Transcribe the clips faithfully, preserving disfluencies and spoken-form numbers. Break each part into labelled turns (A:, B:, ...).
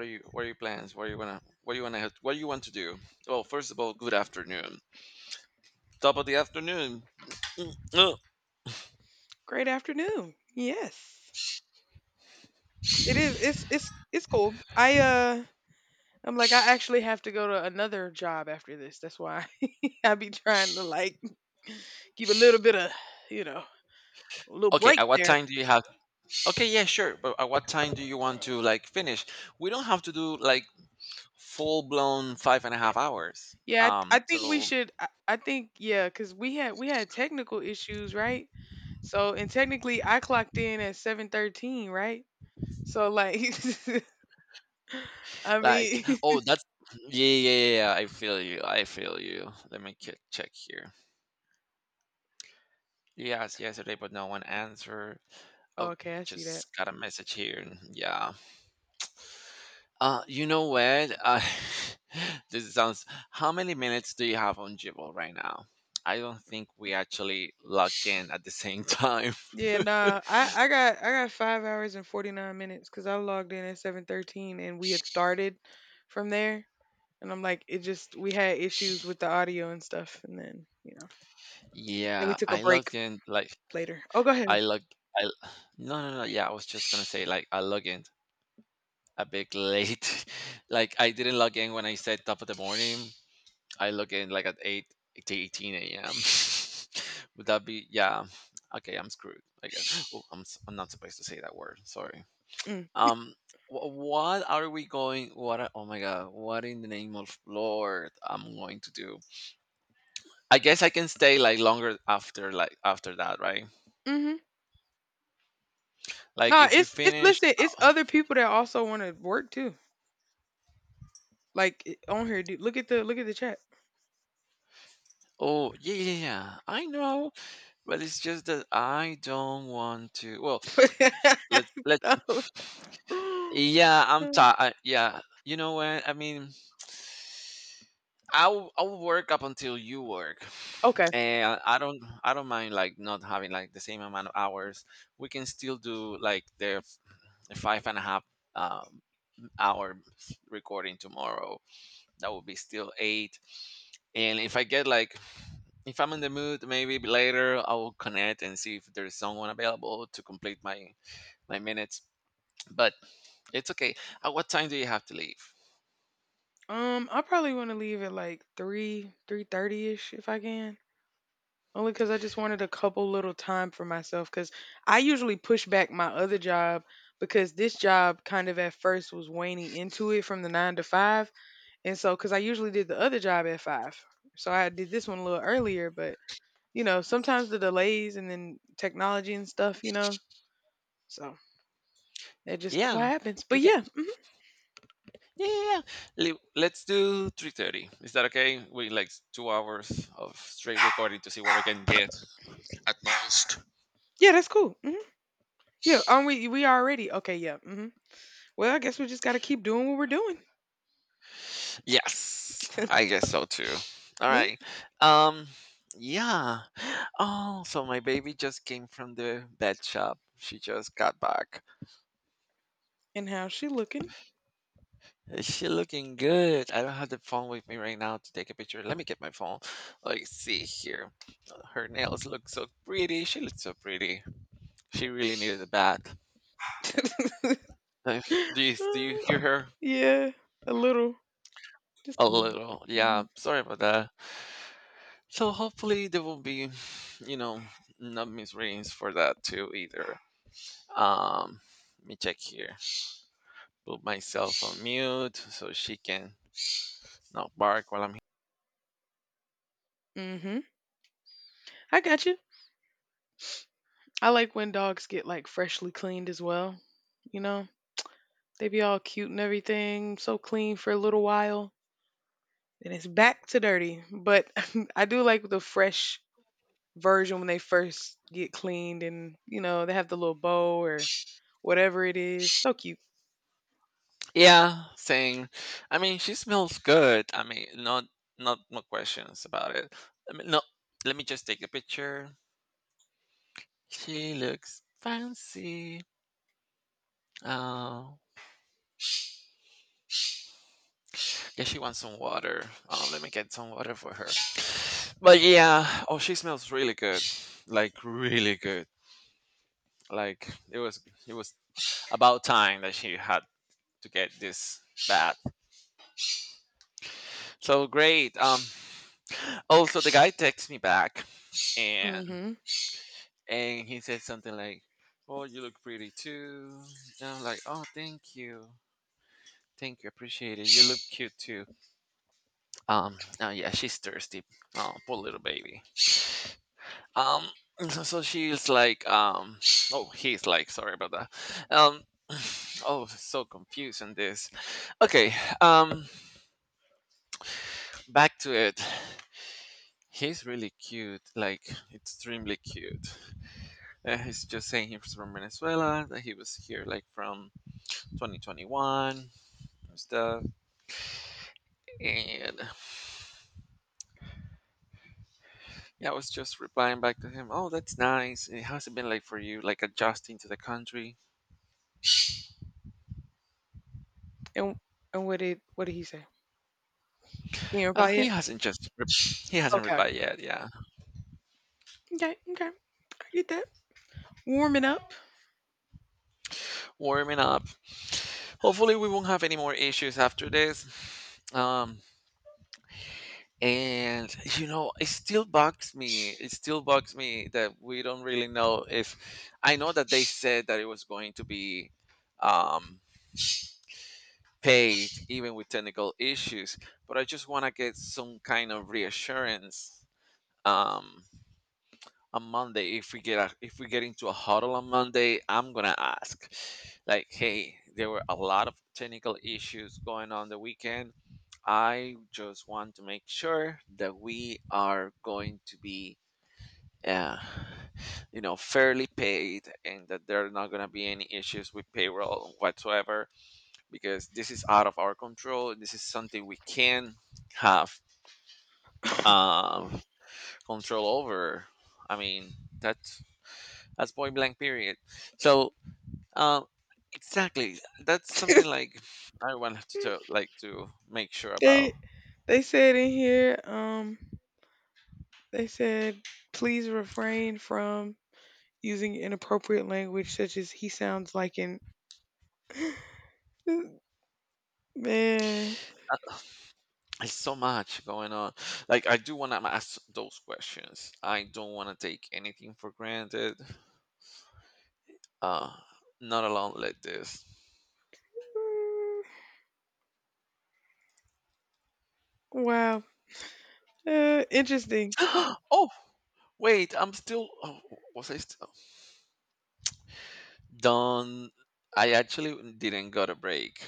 A: What are you what are your plans? What are you wanna what do you wanna What do you want to do? Well, first of all, good afternoon. Top of the afternoon. Ugh.
B: Great afternoon. Yes. It is it's it's it's cool. I uh I'm like I actually have to go to another job after this. That's why I be trying to like give a little bit of, you know, a little
A: Okay,
B: break
A: at what
B: there.
A: time do you have? Okay, yeah, sure. But at what time do you want to like finish? We don't have to do like full blown five and a half hours.
B: Yeah, I, I
A: Um
B: think we
A: so
B: should. I, I think, yeah, cuz we had we had technical issues, right? So, and technically I clocked in at seven thirteen, right? So like I
A: like
B: mean,
A: oh that's yeah yeah yeah yeah, I feel you. I feel you. Let me ke- check here. Yes, yesterday but no one answered. Oh,
B: okay, I see that.
A: just got a message here. Yeah. Uh, you know what? Uh, this sounds. How many minutes do you have on Jibble right now? I don't think we actually logged in at the same time.
B: Yeah, nah. I, I got I got five hours and forty nine minutes because I logged in at seven thirteen and we had started from there. And I'm like, it just we had issues with the audio and stuff, and then you know, then we
A: Yeah,
B: took a
A: I
B: break
A: logged in like
B: later. Oh, go ahead.
A: I log. I no no no. Yeah, I was just gonna say like I logged in a bit late. Like I didn't log in when I said top of the morning. I log in like at eight to eighteen a m Would that be yeah? Okay, I'm screwed, I guess. Oh, I'm s- I'm not supposed to say that word. Sorry.
B: Mm.
A: Um, wh- what are we going? What are- oh my God! What in the name of Lord I'm going to do. I guess I can stay like longer after like after that, right?
B: Hmm.
A: Like
B: Nah,
A: if we
B: it's it's
A: finish.
B: listen, it's
A: Oh
B: other people that also want to work too. Like it- on here, dude. Look at the look at the chat.
A: oh, yeah, yeah, yeah, I know, but it's just that I don't want to. Well, let's let yeah, I'm
B: No.
A: tired. Yeah, you know what I mean. I'll I'll work up until you work,
B: Okay.
A: and I don't I don't mind like not having like the same amount of hours. We can still do like the f- five and a half um, hour recording tomorrow. That would be still eight. And if I get like if I'm in the mood, maybe later I will connect and see if there's someone available to complete my my minutes. But it's okay. At what time do you have to leave?
B: Um, I probably want to leave at like three three thirty ish if I can. Only because I just wanted a couple little time for myself. Because I usually push back my other job, because this job kind of at first was waning into it from the nine to five. And so, because I usually did the other job at five. So I did this one a little earlier, but you know, sometimes the delays and then technology and stuff, you know, so it just so
A: Yeah,
B: happens. But
A: you can.
B: yeah, hmm
A: Yeah, yeah, yeah. Le- Let's do three thirty. Is that okay? We like two hours of straight recording to see what we can get at most.
B: yeah, that's cool. Hmm. Yeah, aren't we? We already okay. Yeah. Hmm. Well, I guess we just got to keep doing what we're doing.
A: Yes, I guess so too. All
B: Yeah.
A: right. Um, yeah. Oh, so my baby just came from the vet shop. She just got back.
B: And how's she looking?
A: Is she looking good? I don't have the phone with me right now to take a picture. Let me get my phone. Let's see here. Her nails look so pretty. She looks so pretty. She really needed a bath. Like, do you do you hear
B: Uh,
A: her?
B: yeah, a little, just
A: A
B: a little.
A: little, yeah.
B: Mhm.
A: Sorry about that. So hopefully there will be, you know, not misreadings for that too either. Um, let me check here. Put myself on mute so she can not bark while I'm
B: Mhm. I got you. I like when dogs get like freshly cleaned as well. You know, they be all cute and everything, so clean for a little while, and it's back to dirty. But I do like the fresh version when they first get cleaned, and you know they have the little bow or whatever it is. So cute.
A: yeah, saying, I mean, she smells good. I mean, not not no questions about it. I mean, no, let me just take a picture. She looks fancy. Oh. Yeah, she wants some water. Um, let me get some water for her. But yeah, oh, she smells really good, like really good. Like it was, it was about time that she had to get this bath. So great. Um, also the guy texts me back, and
B: Mhm.
A: and he said something like, "Oh, you look pretty too." And I'm like, "Oh, thank you, thank you, appreciate it. You look cute too." Um, oh yeah, she's thirsty. Oh, poor little baby. Um, so, so she's like, um, oh, he's like, sorry about that. Um, oh, so confused confusing this. Okay, um, back to it. He's really cute, like extremely cute. Uh, he's just saying he's from Venezuela, that he was here like from twenty twenty-one and stuff. And yeah, I was just replying back to him, oh, that's nice. It hasn't been like for you, like adjusting to the country.
B: And and what did what did he say? You didn't
A: Uh,
B: reply yet?
A: he hasn't just, re- he hasn't
B: Okay.
A: replied yet, yeah.
B: Okay. Okay. I get that. Warming up.
A: Warming up. Hopefully, we won't have any more issues after this. Um, and you know, it still bugs me. It still bugs me that we don't really know if. I know that they said that it was going to be um, paid even with technical issues, but I just want to get some kind of reassurance. Um, on Monday, if we get a, if we get into a huddle on Monday, I'm gonna ask, like, hey, there were a lot of technical issues going on the weekend. I just want to make sure that we are going to be, uh, you know, fairly paid, and that there are not gonna be any issues with payroll whatsoever, because this is out of our control. This is something we can have um, control over. I mean, that's. That's point blank period. So um, exactly, that's something like everyone have to tell, like to make sure about.
B: They they said in here, um, they said, please refrain from using inappropriate language such as he sounds like an man.
A: There's so much going on. Like I do want to ask those questions. I don't want to take anything for granted. Uh, not alone like this.
B: Mm. Wow. Uh, interesting.
A: oh wait, I'm still. Oh, was I still done? I actually didn't got a break.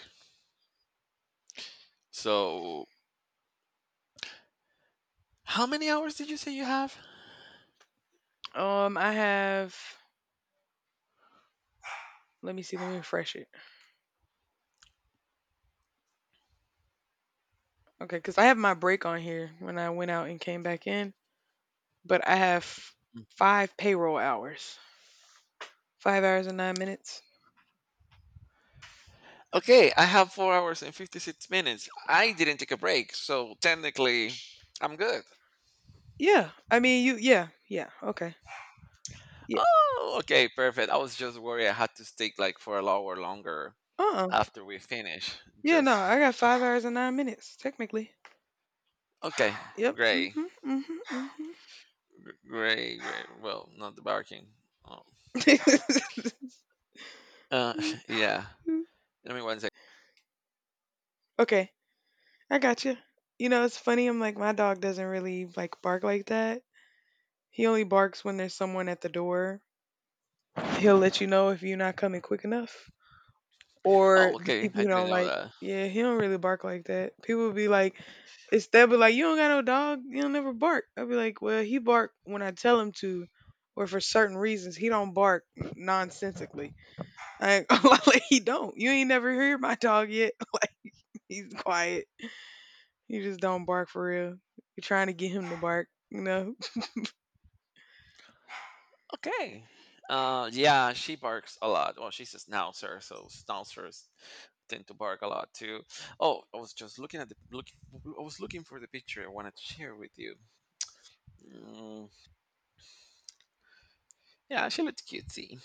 A: So how many hours did you say you have?
B: Um, I have. Let me see. Let me refresh it. Okay, because I have my break on here when I went out and came back in, but I have five payroll hours. Five hours and nine minutes.
A: Okay, I have four hours and fifty-six minutes. I didn't take a break, so technically, I'm good.
B: Yeah. I mean, you. Yeah. Yeah. Okay. Yeah.
A: Oh, okay, perfect. I was just worried I had to stick like for an hour longer
B: Uh. uh
A: after we finish.
B: Yeah,
A: Just
B: no, I got five hours and nine minutes, technically.
A: okay,
B: Yep.
A: great,
B: Mhm, mhm, mhm.
A: gr- great, great. Well, not the barking. Oh. Uh, yeah. Let me one second.
B: Okay, I got you. You know, it's funny, I'm like, my dog doesn't really, like, bark like that. He only barks when there's someone at the door. He'll let you know if you're not coming quick enough. Or
A: Oh,
B: the
A: okay.
B: people
A: I
B: who
A: didn't
B: don't
A: know
B: like.
A: that.
B: Yeah, he don't really bark like that. People be like, it's they'll be like, "You don't got no dog. You don't never bark." I'll be like, "Well, he bark when I tell him to, or for certain reasons. He don't bark nonsensically." Like, like he don't. You ain't never heard my dog yet. Like he's quiet. He just don't bark for real. You're trying to get him to bark, you know.
A: Okay. Uh, yeah, she barks a lot. Well, she's a schnauzer, so schnauzers tend to bark a lot too. Oh, I was just looking at the look. I was looking for the picture I wanted to share with you. Mm, yeah, she looks cutesy.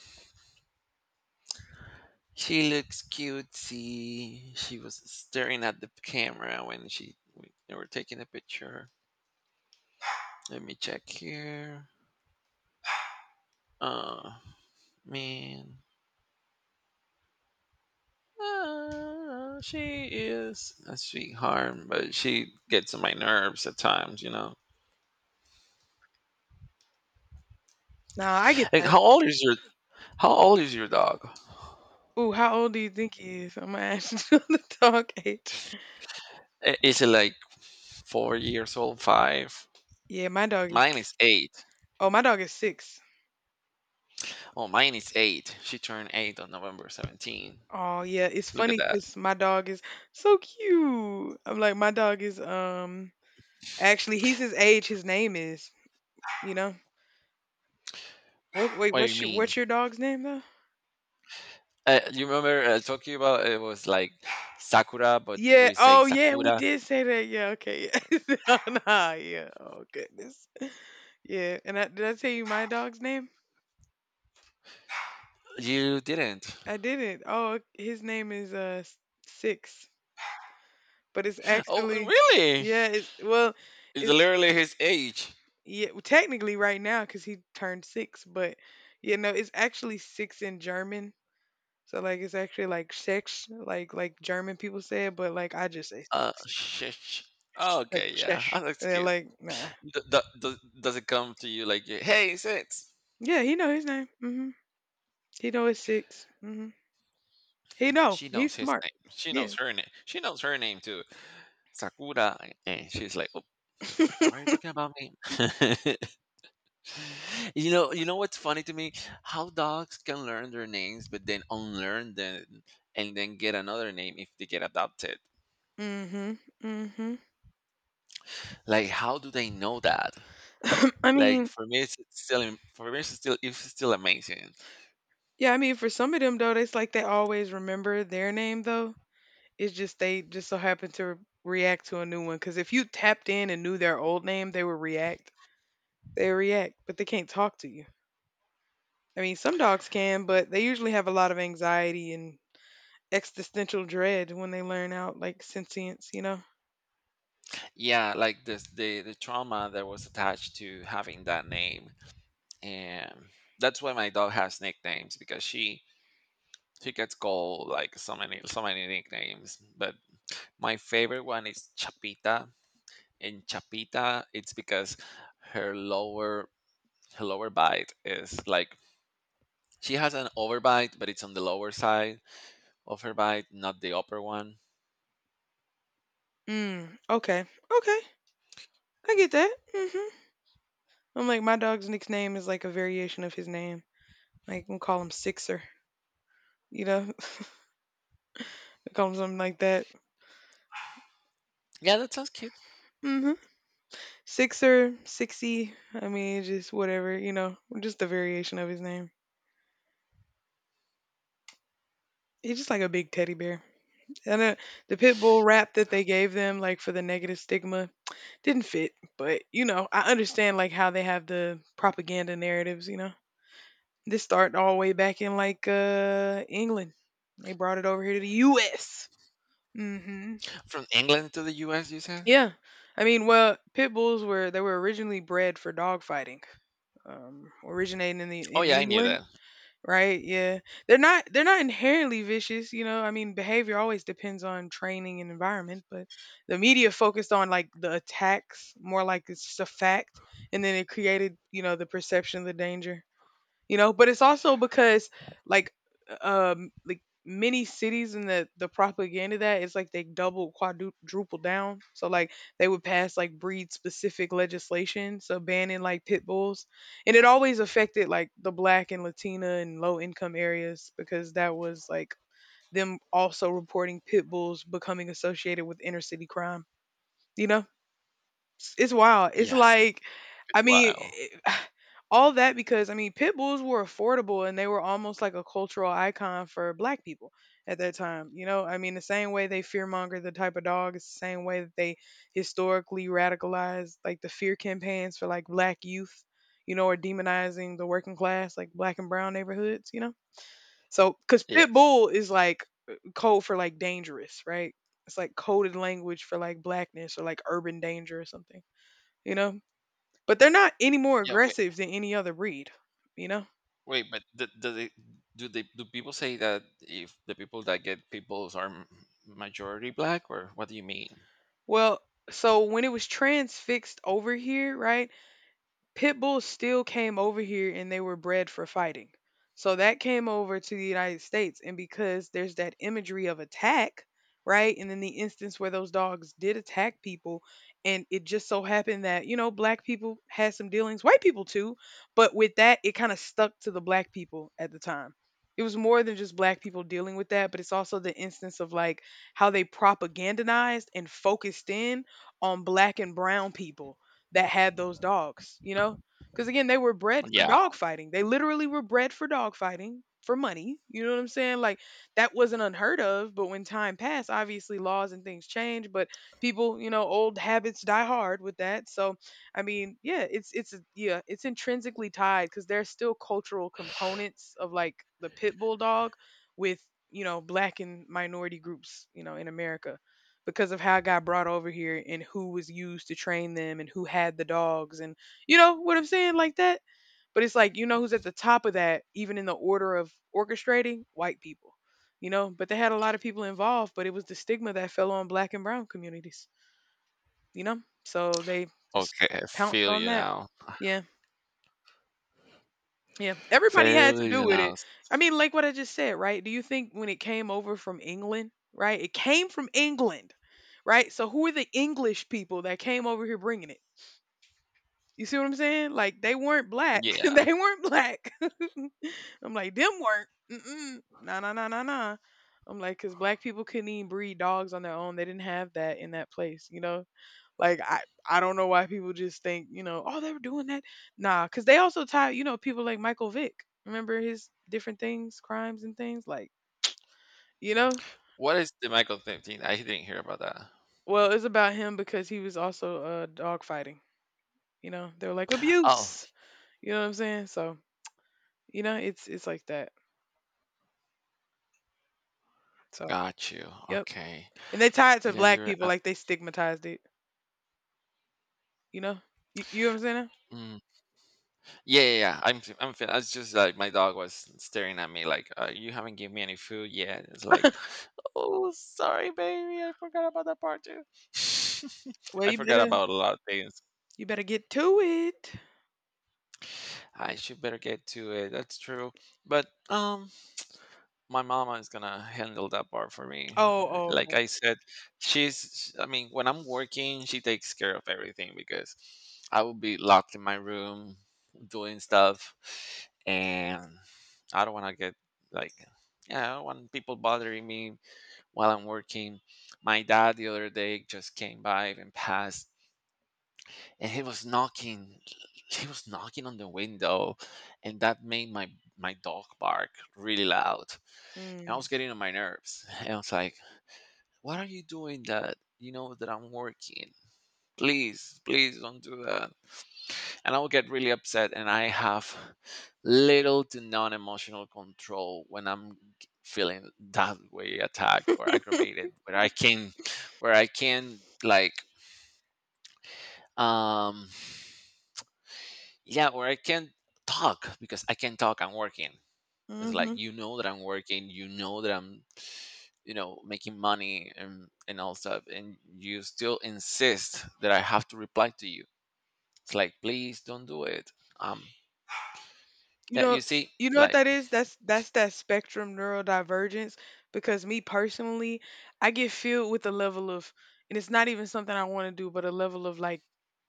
A: She looks cutesy. She was staring at the camera when she when they were taking the picture. Let me check here. Oh man. Ah, she is a sweetheart, but she gets on my nerves at times, you know.
B: Nah, I get
A: Like,
B: that.
A: how old is your how old is your dog?
B: Ooh, how old do you think he is? I'm gonna ask you the dog age.
A: I- Is it like four years old? Five?
B: Yeah, my dog
A: Mine is
B: is.
A: eight.
B: Oh, my dog is six.
A: Oh, mine is eight. She turned eight on November seventeenth.
B: Oh yeah, it's
A: Look at
B: funny
A: that.
B: because my dog is so cute. I'm like, my dog is um actually he's his age. His name is, you know what, wait,
A: What do you
B: what's your
A: mean?
B: what's your dog's name though?
A: Uh, you remember uh, talking about it was like Sakura, but
B: Yeah.
A: we say
B: Oh, yeah. We
A: Sakura.
B: did say that. Yeah. Okay. Yeah. No, nah, yeah. Oh goodness. Yeah. And I, did I tell you my dog's name?
A: You didn't.
B: I didn't. Oh, his name is uh S- Six, but it's
A: Oh,
B: actually
A: really?
B: yeah. It's, well,
A: It's
B: it's,
A: literally his age.
B: yeah. Well, technically, right now because he turned six, but you know, it's actually six in German. So like, it's actually like six, like like German people say it, but like I just say
A: Uh,
B: six,
A: shit.
B: like
A: Okay, yeah.
B: shesh.
A: Oh, that's
B: Yeah,
A: cute.
B: like nah.
A: D- d- does, does it come to you like, hey, six?
B: Yeah, he know his name. Hmm. He know it's six. Mhm. He know.
A: She knows
B: He's
A: his
B: smart.
A: name. She
B: Yeah.
A: knows her name. She knows her name too. Sakura, and she's like, "Oh, why are you talking about me?" you know, you know what's funny to me? How dogs can learn their names, but then unlearn them and then get another name if they get adopted.
B: Mhm, mhm.
A: Like, how do they know that?
B: I
A: Like
B: mean
A: for me, it's still for me, it's still it's still amazing.
B: yeah, I mean, for some of them, though, it's like they always remember their name, though. It's just they just so happen to re- react to a new one. Because if you tapped in and knew their old name, they would react. They react, but they can't talk to you. I mean, some dogs can, but they usually have a lot of anxiety and existential dread when they learn out, like, sentience, you know?
A: Yeah, like this the the trauma that was attached to having that name, and that's why my dog has nicknames because she she gets called like so many so many nicknames, but my favorite one is Chapita. In Chapita, it's because her lower her lower bite is like she has an overbite, but it's on the lower side of her bite, not the upper one.
B: Mm, okay. Okay. I get that. Mhm. I'm like, my dog's nickname is like a variation of his name. Like, we call him Sixer. You know, we call him something like that.
A: Yeah, that sounds cute.
B: hmm Sixer, Sixy. I mean, just whatever. You know, just a variation of his name. He's just like a big teddy bear. And uh, the pit bull rap that they gave them, like for the negative stigma, didn't fit. But you know, I understand like how they have the propaganda narratives. You know, this started all the way back in like uh England. They brought it over here to the U S Hmm.
A: From England to the U S, you said?
B: Yeah, I mean, well, pit bulls were, they were originally bred for dog fighting, um, originating in the
A: Oh
B: in
A: yeah, I knew
B: England,
A: that.
B: right? Yeah, they're not they're not inherently vicious, you know. I mean, behavior always depends on training and environment, but the media focused on like the attacks more, like it's just a fact, and then it created you know the perception of the danger you know but it's also because, like um like many cities in the the propaganda, that it's like they double quadruple down. So like they would pass like breed specific legislation, so banning like pit bulls. And it always affected like the black and latina and low income areas because that was like them also reporting pit bulls becoming associated with inner city crime you know it's wild. It's
A: Yes,
B: like,
A: it's
B: I mean, it- all that because I mean, pit bulls were affordable and they were almost like a cultural icon for black people at that time. You know, I mean, the same way they fearmonger the type of dog is the same way that they historically radicalized like the fear campaigns for like black youth, you know, or demonizing the working class, like black and brown neighborhoods, you know? So, because pit
A: yes.
B: bull is like uh, code for like dangerous, right? It's like coded language for like blackness or like urban danger or something you know but they're not any more
A: Yeah. Wait.
B: aggressive than any other breed you know
A: Wait. But th- do they do they do people say that if the people that get peoples are m- majority black or what do you mean?
B: well so when it was transfixed over here, right, pit bulls still came over here and they were bred for fighting. So that came over to the United States. And because there's that imagery of attack, right? And then the instance where those dogs did attack people, and it just so happened that, you know, black people had some dealings, white people too. But with that, it kind of stuck to the black people at the time. It was more than just black people dealing with that, but it's also the instance of like how they propagandized and focused in on black and brown people that had those dogs, you know? Because again, they were bred for
A: Yeah.
B: dog fighting. They literally were bred for dog fighting for money. You know what I'm saying? Like that wasn't unheard of, but when time passed, obviously laws and things change, but people, you know, old habits die hard with that. So, I mean, yeah, it's it's yeah, it's intrinsically tied cuz there's still cultural components of like the pit bull dog with, you know, black and minority groups, you know, in America because of how I got brought over here and who was used to train them and who had the dogs, and you know what I'm saying, like that. But it's like you know who's at the top of that, even in the order of orchestrating white people, you know. But they had a lot of people involved, but it was the stigma that fell on black and brown communities, you know. So they just
A: Okay, I
B: pounced
A: feel
B: on
A: you
B: that.
A: now.
B: Yeah. Yeah, everybody had to
A: Failures
B: do with it.
A: announced.
B: I mean, like what I just said, right? Do you think when it came over from England, right? It came from England, right? So who are the English people that came over here bringing it? You see what I'm saying? Like they weren't black.
A: Yeah.
B: They weren't black. I'm like them weren't. Mm-mm. Nah, nah, nah, nah, nah. I'm like, because black people couldn't even breed dogs on their own. They didn't have that in that place, you know. Like I I don't know why people just think, you know, oh, they were doing that. Nah, cuz they also tie, you know, people like Michael Vick. Remember his different things, crimes and things like, you know?
A: What is the Michael fifteen? I didn't hear about that.
B: Well, it's about him because he was also uh dog fighting, you know. They're like
A: Oh,
B: abuse. You know what I'm saying? So, you know, it's it's like that. So,
A: got you.
B: yep.
A: Okay.
B: And they tie it to
A: Yeah,
B: black
A: you're
B: people
A: up.
B: like they stigmatized it, you know? You, you know what I'm saying?
A: Mm. Yeah, yeah, yeah. I'm, f- I'm. fin- It's just like my dog was staring at me, like, uh, "You haven't given me any food yet." It's like, "Oh, sorry, baby. I forgot about that part too.
B: Well,
A: I
B: you
A: forgot
B: better
A: about a lot of things."
B: you better get to it.
A: I should better get to it. That's true. But um my mama is gonna handle that part for me.
B: Oh,
A: Uh,
B: oh,
A: Like
B: okay.
A: I said, she's. I mean, when I'm working, she takes care of everything because I will be locked in my room doing stuff, and I don't want to get like, yeah, I don't want people bothering me while I'm working. My dad the other day just came by and passed and he was knocking he was knocking on the window and that made my my dog bark really loud and I
B: Mm.
A: was getting on my nerves. And I was like, what are you doing that you know that I'm working? Please please don't do that. And I would get really upset, and I have little to non emotional control when I'm g- feeling that way, attacked or aggravated, where I can where i can like um yeah, or I can talk, because I can talk, I'm working. It's like,
B: Mm-hmm.
A: you know that I'm working, you know that i'm you know making money and and all stuff, and you still insist that I have to reply to you. It's like, please don't do it. um
B: You
A: yeah,
B: know
A: you see,
B: you know what
A: like,
B: that is? That's that's that spectrum neurodivergence because me personally, I get filled with a level of and it's not even something I want to do, but a level of like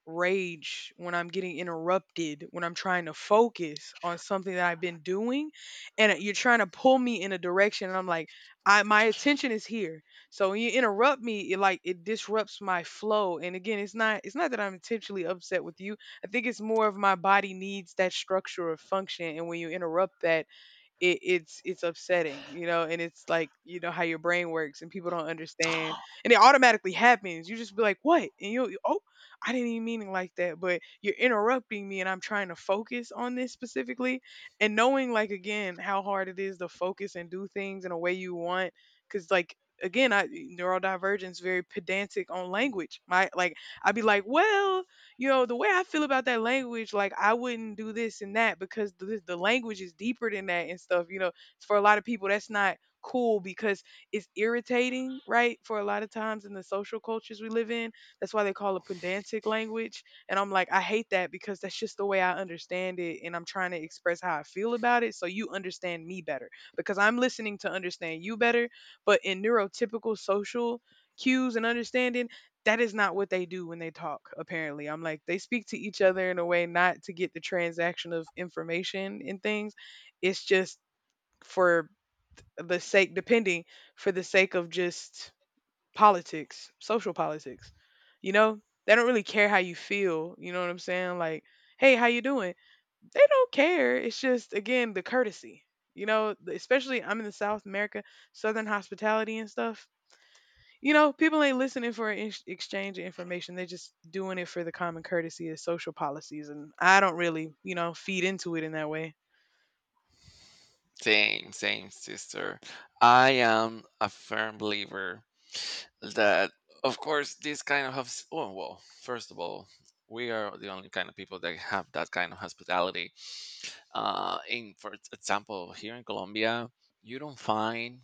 B: rage when I'm getting interrupted, when I'm trying to focus on something that I've been doing and you're trying to pull me in a direction and I'm like, I my attention is here. So when you interrupt me, it like it disrupts my flow. And again, it's not it's not that I'm intentionally upset with you. I think it's more of my body needs that structure or function, and when you interrupt that, it, it's it's upsetting, you know, and it's like you know how your brain works, and people don't understand, and it automatically happens. You just be like, "What?" And you will oh, I didn't even mean it like that, but you're interrupting me, and I'm trying to focus on this specifically, and knowing like again how hard it is to focus and do things in a way you want, because like again, I neurodivergence very pedantic on language. My like I'd be like, well you know, the way I feel about that language, like I wouldn't do this and that because the, the language is deeper than that and stuff. You know, for a lot of people, that's not cool because it's irritating, right? For a lot of times in the social cultures we live in, that's why they call it pedantic language. And I'm like, I hate that because that's just the way I understand it. And I'm trying to express how I feel about it so you understand me better because I'm listening to understand you better. But in neurotypical social, cues and understanding that is not what they do when they talk apparently. I'm like they speak to each other in a way not to get the transaction of information and things. It's just for the sake depending for the sake of just politics, social politics, you know, they don't really care how you feel, you know what I'm saying, like hey, how you doing? They don't care. It's just again the courtesy, you know, especially I'm in the south, America, southern hospitality and stuff, you know, people ain't listening for an ex- exchange of information. They're just doing it for the common courtesy of social policies. And I don't really, you know, feed into it in that way.
A: same, same, sister. I am a firm believer that, of course, this kind of has- oh well first of all, we are the only kind of people that have that kind of hospitality. Uh, in, for example, here in Colombia, you don't find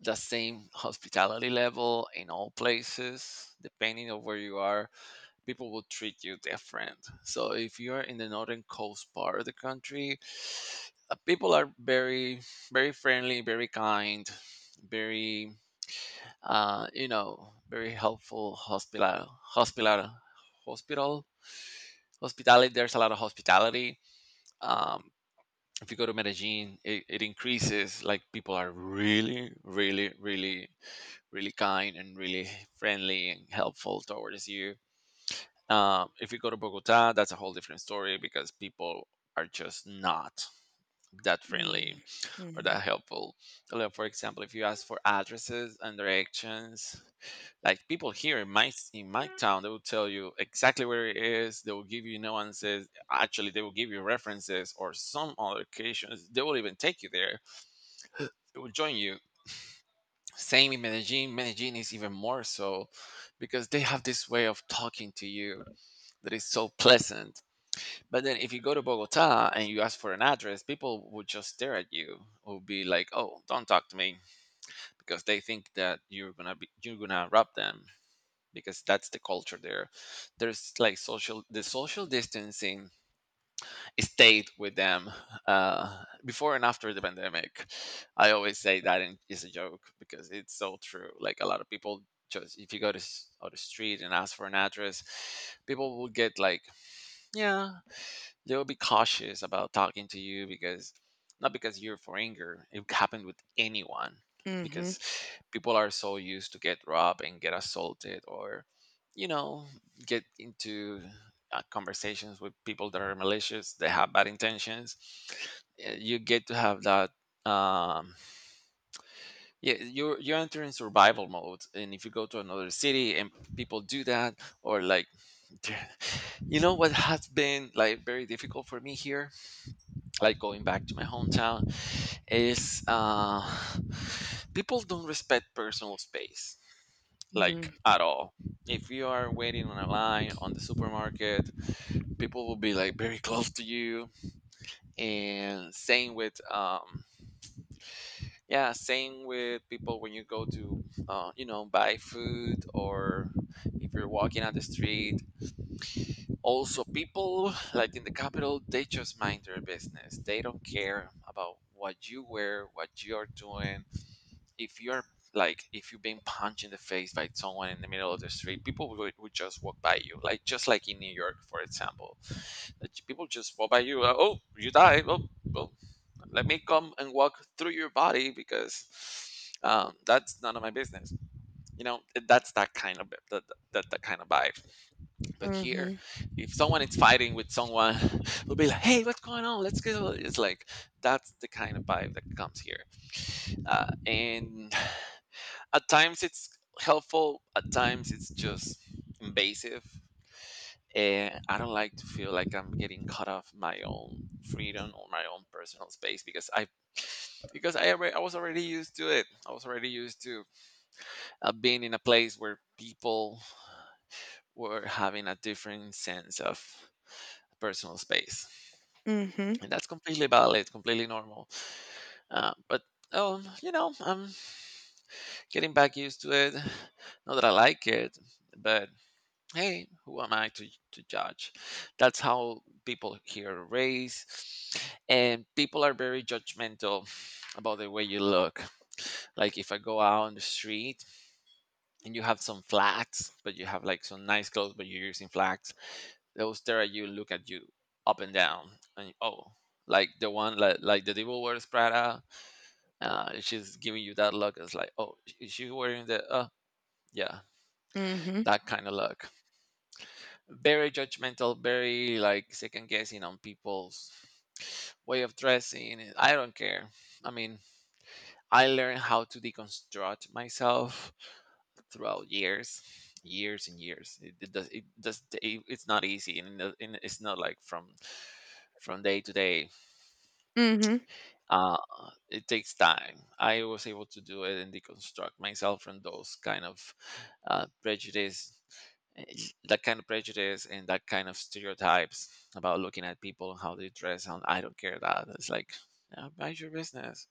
A: the same hospitality level in all places. Depending on where you are, people will treat you different. So if you are in the northern coast part of the country, uh, people are very, very friendly, very kind, very, uh, you know, very helpful. Hospital, hospital, hospital, hospitality. There's a lot of hospitality. Um, if you go to Medellin, it, it increases. Like people are really, really, really, really kind and really friendly and helpful towards you. Um, if you go to Bogota, that's a whole different story because people are just not that
B: Mm,
A: friendly or
B: mhm,
A: that helpful. Like, for example, if you ask for addresses and directions, like people here in my in my town, they will tell you exactly where it is. They will give you nuances. Actually, they will give you references, or some other occasions they will even take you there, they will join you. Same in Medellin. Medellin is even more so, because they have this way of talking to you that is so pleasant. But then if you go to Bogota and you ask for an address, people would just stare at you. Would be like, "Oh, don't talk to me," because they think that you're gonna be you're gonna rob them, because that's the culture there. There's like social the social distancing stayed with them, uh, before and after the pandemic. I always say that in, is a joke because it's so true. Like a lot of people, just if you go to s- out the street and ask for an address, people will get like, yeah, they'll be cautious about talking to you, because not because you're for anger, it happened with anyone,
B: mhm,
A: because people are so used to get robbed and get assaulted, or you know, get into uh, conversations with people that are malicious, they have bad intentions. Uh, you get to have that. um yeah, you're you're entering survival mode, and if you go to another city and people do that, or like you know what has been like very difficult for me here, like going back to my hometown, is uh, people don't respect personal space, like
B: mm,
A: at all. If you are waiting on a line on the supermarket, people will be like very close to you. And same with um yeah, same with people when you go to, uh, you know, buy food, or if you're walking on the street. Also, people like in the capital, they just mind their business, they don't care about what you wear, what you're doing. If you're, like, if you've been punched in the face by someone in the middle of the street, people would, would just walk by you, like just like in New York, for example, that people just walk by you. Uh, oh, you died, oh, well, let me come and walk through your body, because um, that's none of my business, you know. That's that kind of, that, that, that kind of vibe. But here,
B: mhm,
A: if someone is fighting with someone, will be like, hey, what's going on, let's go. It's like, that's the kind of vibe that comes here. Uh, and at times it's helpful, at times it's just invasive. And I don't like to feel like I'm getting cut off my own freedom or my own personal space, because i because i already, I was already used to it, I was already used to, uh, being in a place where people were having a different sense of personal space.
B: mhm,
A: And that's completely valid, completely normal. Uh, but um, you know, I'm getting back used to it. Not that I like it, but hey, who am I to, to judge? That's how people here raise. And people are very judgmental about the way you look. Like if I go out on the street and you have some flats, but you have like some nice clothes, but you're using flats, they'll stare at you, look at you up and down, and oh, like the one like, like the devil wears Prada, uh, she's giving you that look. It's like, oh, is she wearing the? Uh, yeah,
B: mhm,
A: that kind of look. Very judgmental, very like second guessing on people's way of dressing. I don't care. I mean, I learned how to deconstruct myself throughout years, years and years. It, it does. It does. It, it's not easy, and, it- and it's not like from from day to day.
B: mhm.
A: Uh, it takes time. I was able to do it and deconstruct myself from those kind of, uh, prejudice that kind of prejudice and that kind of stereotypes about looking at people and how they dress, and I don't care. That it's like, yeah, mind your business.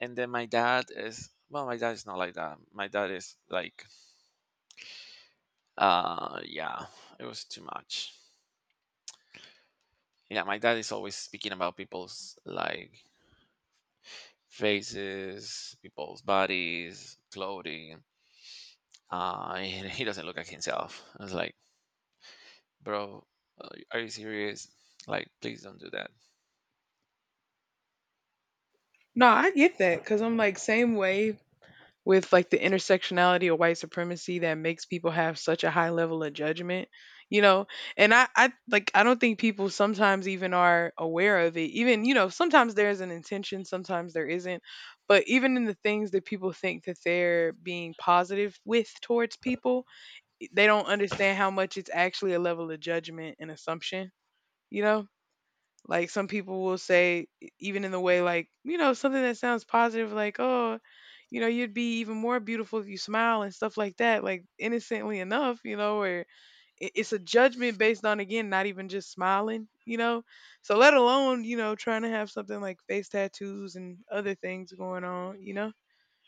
A: And then my dad is, well, my dad is not like that, my dad is like, uh, yeah, it was too much. Yeah, my dad is always speaking about people's like faces, people's bodies, clothing, uh, and he doesn't look at himself. I was like, bro, uh, are you serious? Like, please don't do that.
B: No, I get that because I'm like same way. With like the intersectionality of white supremacy that makes people have such a high level of judgment, you know, and i i like I don't think people sometimes even are aware of it even, you know, sometimes there is an intention, sometimes there isn't, but even in the things that people think that they're being positive with towards people, they don't understand how much it's actually a level of judgment and assumption, you know, like some people will say, e- even in the way like, you know, something that sounds positive, like, oh, you know, you'd be even more beautiful if you smile and stuff like that, like innocently enough, you know, or i- it's a judgment based on, again, not even just smiling, you know? So let alone, you know, trying to have something like face tattoos and other things going on, you know?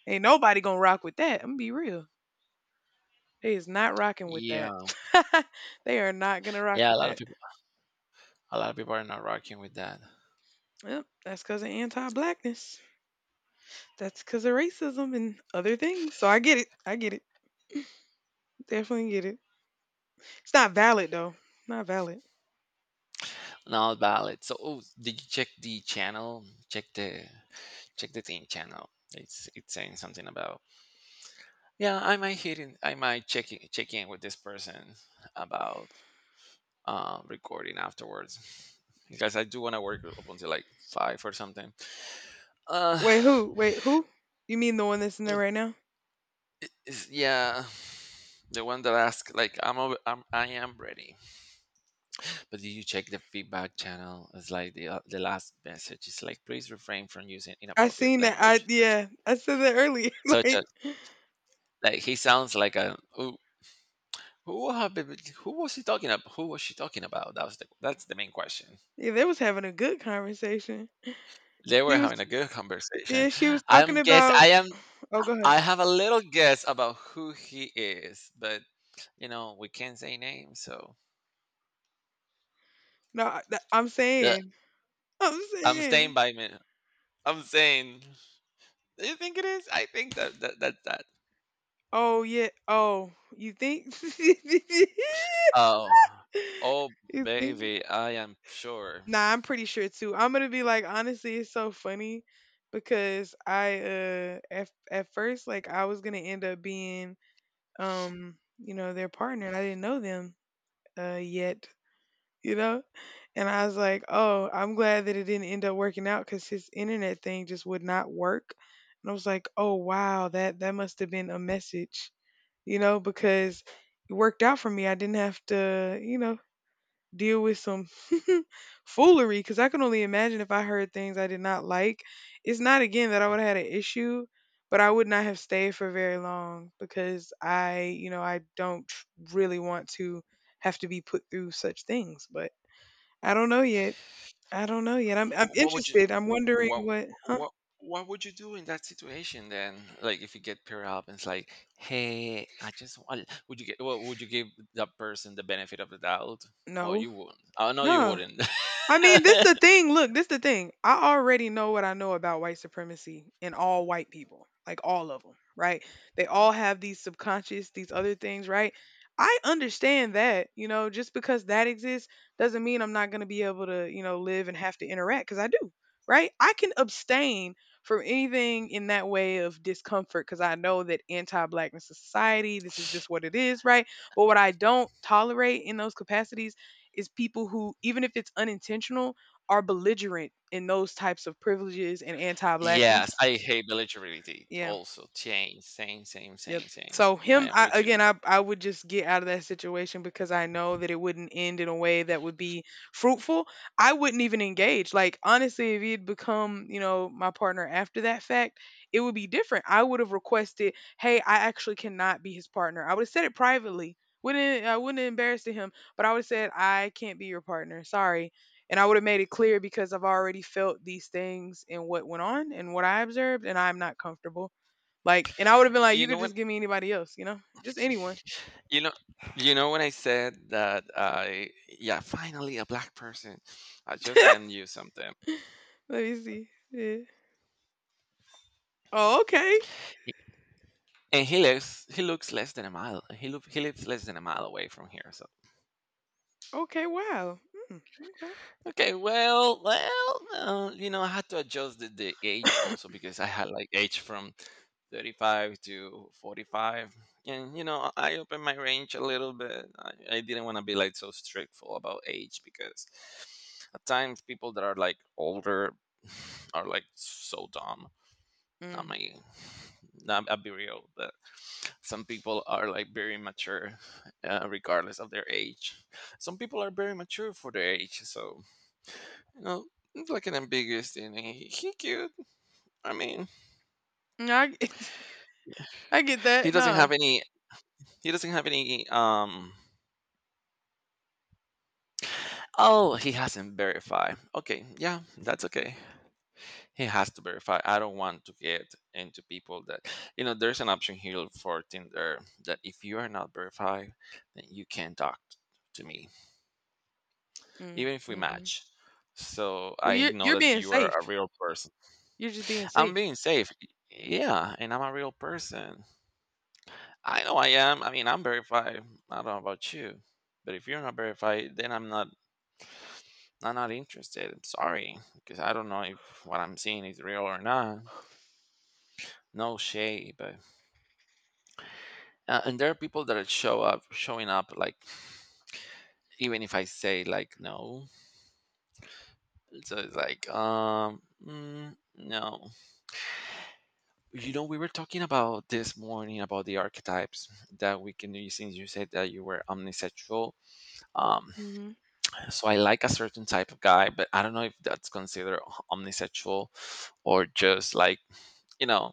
B: Ain't nobody gonna rock with that. I'm gonna be real. They is not rocking with that.
A: Yeah,
B: they are not gonna rock
A: yeah, a
B: with
A: lot of
B: that.
A: people, a lot of people are not rocking with that.
B: Yep, that's because of anti blackness. That's cause of racism and other things. So I get it. I get it. Definitely get it. It's not valid though. Not valid.
A: Not valid. So, oh, did you check the channel? Check the, check the thing channel. It's it's saying something about, yeah. I might hit in. I might check in, check in with this person about, uh, recording afterwards, because I do want to work up until like five or something. Uh,
B: Wait, who? Wait, who? You mean the one that's in there right now?
A: it's- yeah. The one that asked like, I'm over, I'm, I am ready. But did you check the feedback channel? It's like the, uh, the last message is like, please refrain from using
B: I
A: inappropriate
B: seen that. I
A: language, such,
B: yeah. I said that earlier.
A: such as,
B: like
A: like, he sounds like a who, who have been- who was he talking about? Who was she talking about? That was the, that's the main question.
B: yeah, they was having a good conversation.
A: They were
B: She was
A: having a good
B: yeah.
A: conversation.
B: She was talking
A: I'm guess
B: about.
A: I am,
B: Oh, go ahead.
A: I have a little guess about who he is, but you know, we can't say names, so,
B: No, I, th- I'm
A: yeah,
B: saying. I'm
A: I'm
B: saying.
A: staying by me. I'm saying, do you think it is? I think that that that, that,
B: Oh yeah. Oh, you think?
A: oh, oh,
B: you think?
A: baby, I am sure.
B: Nah, I'm pretty sure too. I'm gonna be like, honestly, it's so funny because I uh at at first like I was gonna end up being um you know their partner and I didn't know them uh yet, you know, and I was like oh I'm glad that it didn't end up working out because his internet thing just would not work. And I was like oh wow that that must have been a message, you know, because it worked out for me. I didn't have to, you know, deal with some foolery because I can only imagine if I heard things I did not like. It's not again that I would have had an issue, but I would not have stayed for very long because I, you know, I don't tr- really want to have to be put through such things. But I don't know yet. I don't know yet. I'm I'm
A: Wh- What would you
B: interested. I'm
A: wh-
B: wondering
A: what
B: what.
A: what what would you do in that situation then? Like, if you get paired up and it's like, hey, I just want, would you get, well, would you give that person the benefit of the doubt? Or
B: No,
A: you wouldn't. Oh, no, you
B: no.
A: wouldn't.
B: I mean, this the thing. Look, this the thing. I already know what I know about white supremacy and all white people, like all of them, right? They all have these subconscious, these other things, right? I understand that, you know, just because that exists doesn't mean I'm not going to be able to, you know, live and have to interact because I do, right? I can abstain from anything in that way of discomfort because I know that anti blackness is society, this is just what it is, right? But what I don't tolerate in those capacities is people who, even if it's unintentional, are belligerent in those types of privileges and
A: Yes,
B: anti-blackness.
A: I hate belligerity.
B: Yeah.
A: Also, same, same, same,
B: Yep.
A: same, same.
B: So
A: I
B: him,
A: am
B: I,
A: with you.
B: again, I I would just get out of that situation because I know that it wouldn't end in a way that would be fruitful. I wouldn't even engage. Like honestly, if he had become, you know, my partner after that fact, it would be different. I would have requested, hey, I actually cannot be his partner. I would have said it privately. Wouldn't I wouldn't have embarrassed him, but I would have said I can't be your partner. Sorry. And I would have made it clear because I've already felt these things and what went on and what I observed, and I'm not comfortable. Like, and I would have been like, you
A: You
B: could
A: know, when
B: just give me anybody else, you know, just anyone.
A: You know, you know when I said that I, yeah, finally a black person. I just send you something,
B: Let me see. Yeah. Oh, okay.
A: and he lives. He looks less than a mile. He look, he lives less than a mile away from here. So.
B: Okay. Wow. Mm,
A: Okay, well, well, uh, you know, I had to adjust the, the age
B: okay.
A: also, because I had like age from thirty-five to forty-five. And, you know, I opened my range a little bit. I, I didn't want to be like so strictful about age, because at times people that are like older are like so dumb. I
B: mm.
A: mean, not, I'll be real, but some people are like very mature, uh, regardless of their age. Some people are very mature for their age. So, you know, it's like an ambiguous thing. He, he cute. I mean,
B: No, I, get- I get
A: he
B: that.
A: doesn't
B: No.
A: have any. He doesn't have any. Um. Oh, he hasn't verified. Okay, yeah, that's okay. He has to verify. I don't want to get into people that, you know. There's an option here for Tinder that if you are not verified, then you can talk t- to me,
B: Mm,
A: even if we
B: hmm.
A: match. So
B: Well,
A: I
B: you're
A: know
B: you're
A: that
B: being
A: you are
B: safe.
A: a real person.
B: You're just being
A: I'm
B: safe.
A: being safe. Yeah, and I'm a real person. I know I am. I mean, I'm verified. I don't know about you, but if you're not verified, then I'm not. I'm not interested. I'm sorry, because I don't know if what I'm seeing is real or not. No shade, but uh, and there are people that are show up, showing up, like, even if I say like no. So it's like, um mm, no. You know, we were talking about this morning about the archetypes that we can use. Since you said that you were omnisexual, um.
B: Hmm.
A: So I like a certain type of guy, but I don't know if that's considered o- omnisexual or just like, you know,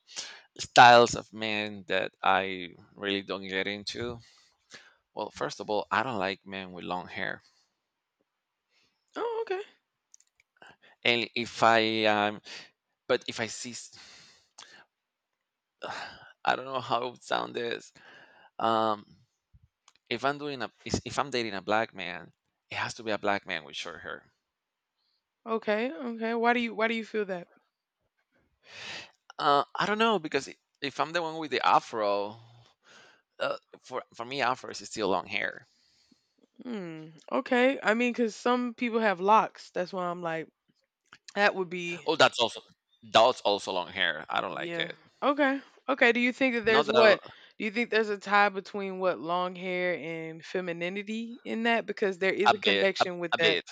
A: styles of men that I really don't get into. Well, first of all, I don't like men with long hair.
B: Oh, okay.
A: And if I um but if I see s- I don't know how it would sound this. Um if I'm doing a is- if I'm dating a black man, it has to be a black man with short hair.
B: Okay. Okay. Why do you Why do you feel that?
A: Uh I don't know because i- if I'm the one with the afro, uh, for for me afro is still long hair.
B: Hmm. Okay. I mean, because some people have locks. That's why I'm like, that would be.
A: Oh, that's also, that's also long hair. I don't like
B: Yeah.
A: it.
B: Okay. Okay. Do you think that
A: Not
B: there's
A: that I don't,
B: what? Do you think there's a tie between what long hair and femininity in that? Because there is
A: a
B: a
A: bit, a,
B: connection with
A: a
B: that.
A: bit.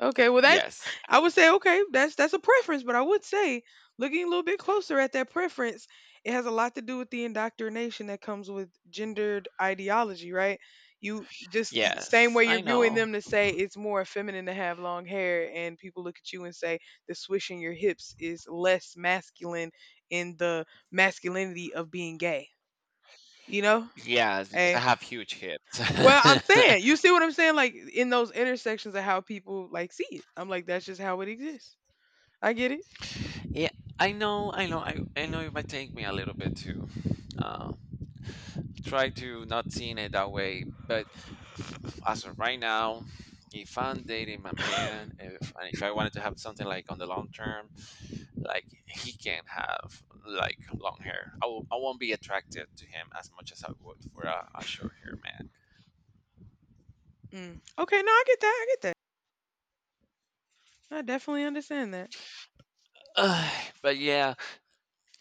B: Okay, well that's.
A: Yes, a
B: I
A: bit.
B: would say okay, that's that's a preference, but I would say looking a little bit closer at that preference, it has a lot to do with the indoctrination that comes with gendered ideology, right? You just y- same
A: Yes,
B: way
A: I
B: you're viewing
A: know.
B: them to say it's more feminine to have long hair and people look at you and say the swishing your hips is less masculine in the masculinity of being gay, you know?
A: Yes, because I
B: And
A: have huge hips.
B: well, I'm saying, you see what I'm saying? Like in those intersections of how people like see it. I'm like, that's just how it exists. I get it.
A: Yeah, I know. I know. I, I know it might take me a little bit to uh, try to not seeing it that way. But f- as of right now, if I'm dating my man, if and if I wanted to have something like on the long term, like he can have like long hair. I w- I won't be attracted to him as much as I would for a, a short hair man.
B: Mm. Okay, no, I get that. I get that. I definitely understand that.
A: Ugh, but yeah,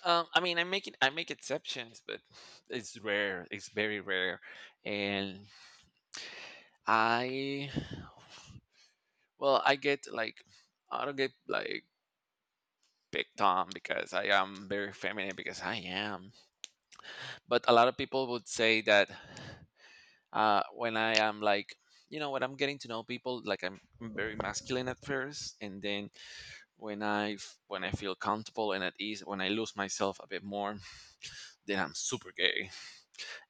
A: um, I mean, I make it, I make exceptions, but it's rare. It's very rare, and I, well, I get like, I don't get like picked on because I am very feminine because I am. But a lot of people would say that. Uh, when I am like, you know, when I'm getting to know people, like I'm very masculine at first, and then when I f- when I feel comfortable and at ease, when I lose myself a bit more, then I'm super gay,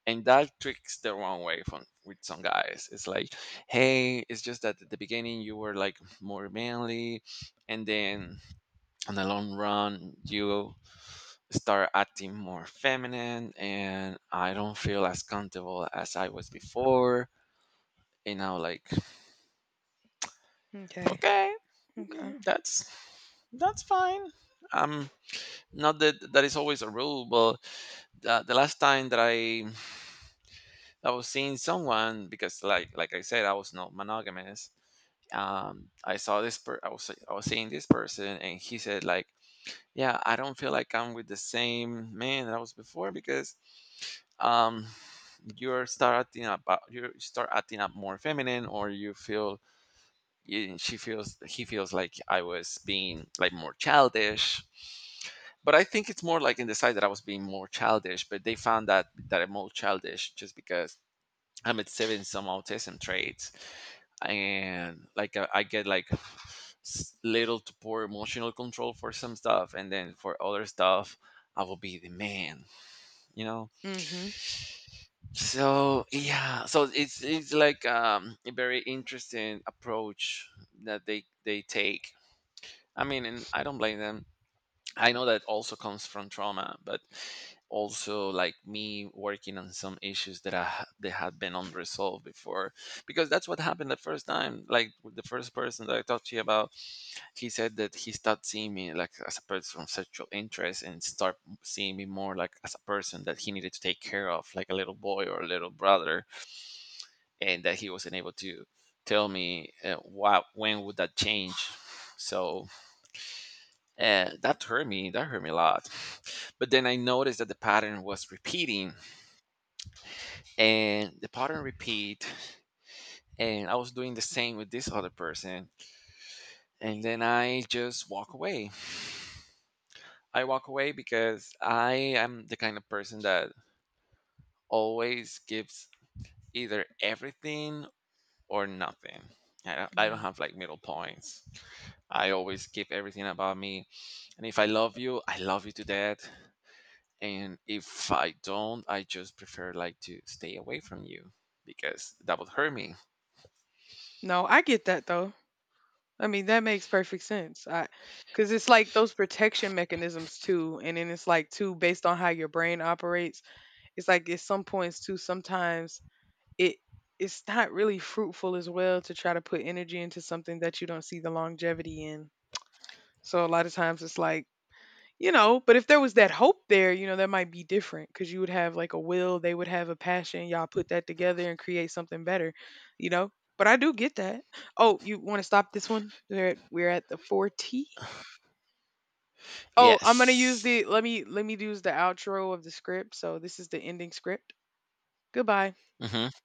A: and that tricks the wrong way from with some guys. It's like, hey, it's just that at the beginning you were like more manly, and then on the long run you start acting more feminine, and I don't feel as comfortable as I was before, and now like
B: Okay.
A: okay.
B: Okay.
A: Mm, that's that's fine. Um, Not that that is always a rule, but uh, the last time that I I was seeing someone because like like I said I was not monogamous. Um, I saw this per I was I was seeing this person and he said like, yeah, I don't feel like I'm with the same man that I was before because um you're starting up uh, you start acting up more feminine or you feel you, she feels he feels like I was being like more childish. But I think it's more like in the side that I was being more childish, but they found that that I'm more childish just because I'm exhibiting some autism traits, and like I, I get like s- little to poor emotional control for some stuff, and then for other stuff I will be the man, you know.
B: Mhm.
A: So yeah, so it's it's like um, a very interesting approach that they they take. I mean, and I don't blame them. I know that also comes from trauma, but also like me working on some issues that i ha- that had been unresolved before because that's what happened the first time, like with the first person that I talked to you about. He said that he stopped seeing me like as a person of sexual interest and start seeing me more like as a person that he needed to take care of, like a little boy or a little brother, and that he wasn't able to tell me uh, what, when would that change. So uh, that hurt me, that hurt me a lot. But then I noticed that the pattern was repeating and the pattern repeat, and I was doing the same with this other person, and then I just walk away. I walk away because I am the kind of person that always gives either everything or nothing. I don't, I don't
B: Mm.
A: have like middle points. I always give everything about me. And if I love you, I love you to death. And if I don't, I just prefer like to stay away from you because that would hurt me.
B: No, I get that though. I mean, that makes perfect sense. I cuz it's like those protection mechanisms too, and then it's like too based on how your brain operates. It's like at some points too sometimes it it's not really fruitful as well to try to put energy into something that you don't see the longevity in. So a lot of times it's like you know but if there was that hope there you know that might be different because you would have like a will they would have a passion y'all put that together and create something better, you know, but I do get that. Oh you want to stop this one. We're at, we're at the forty. Oh I'm gonna use
A: Yes.
B: the let me let me use the outro of the script so this is the ending script. Goodbye.
A: Mhm.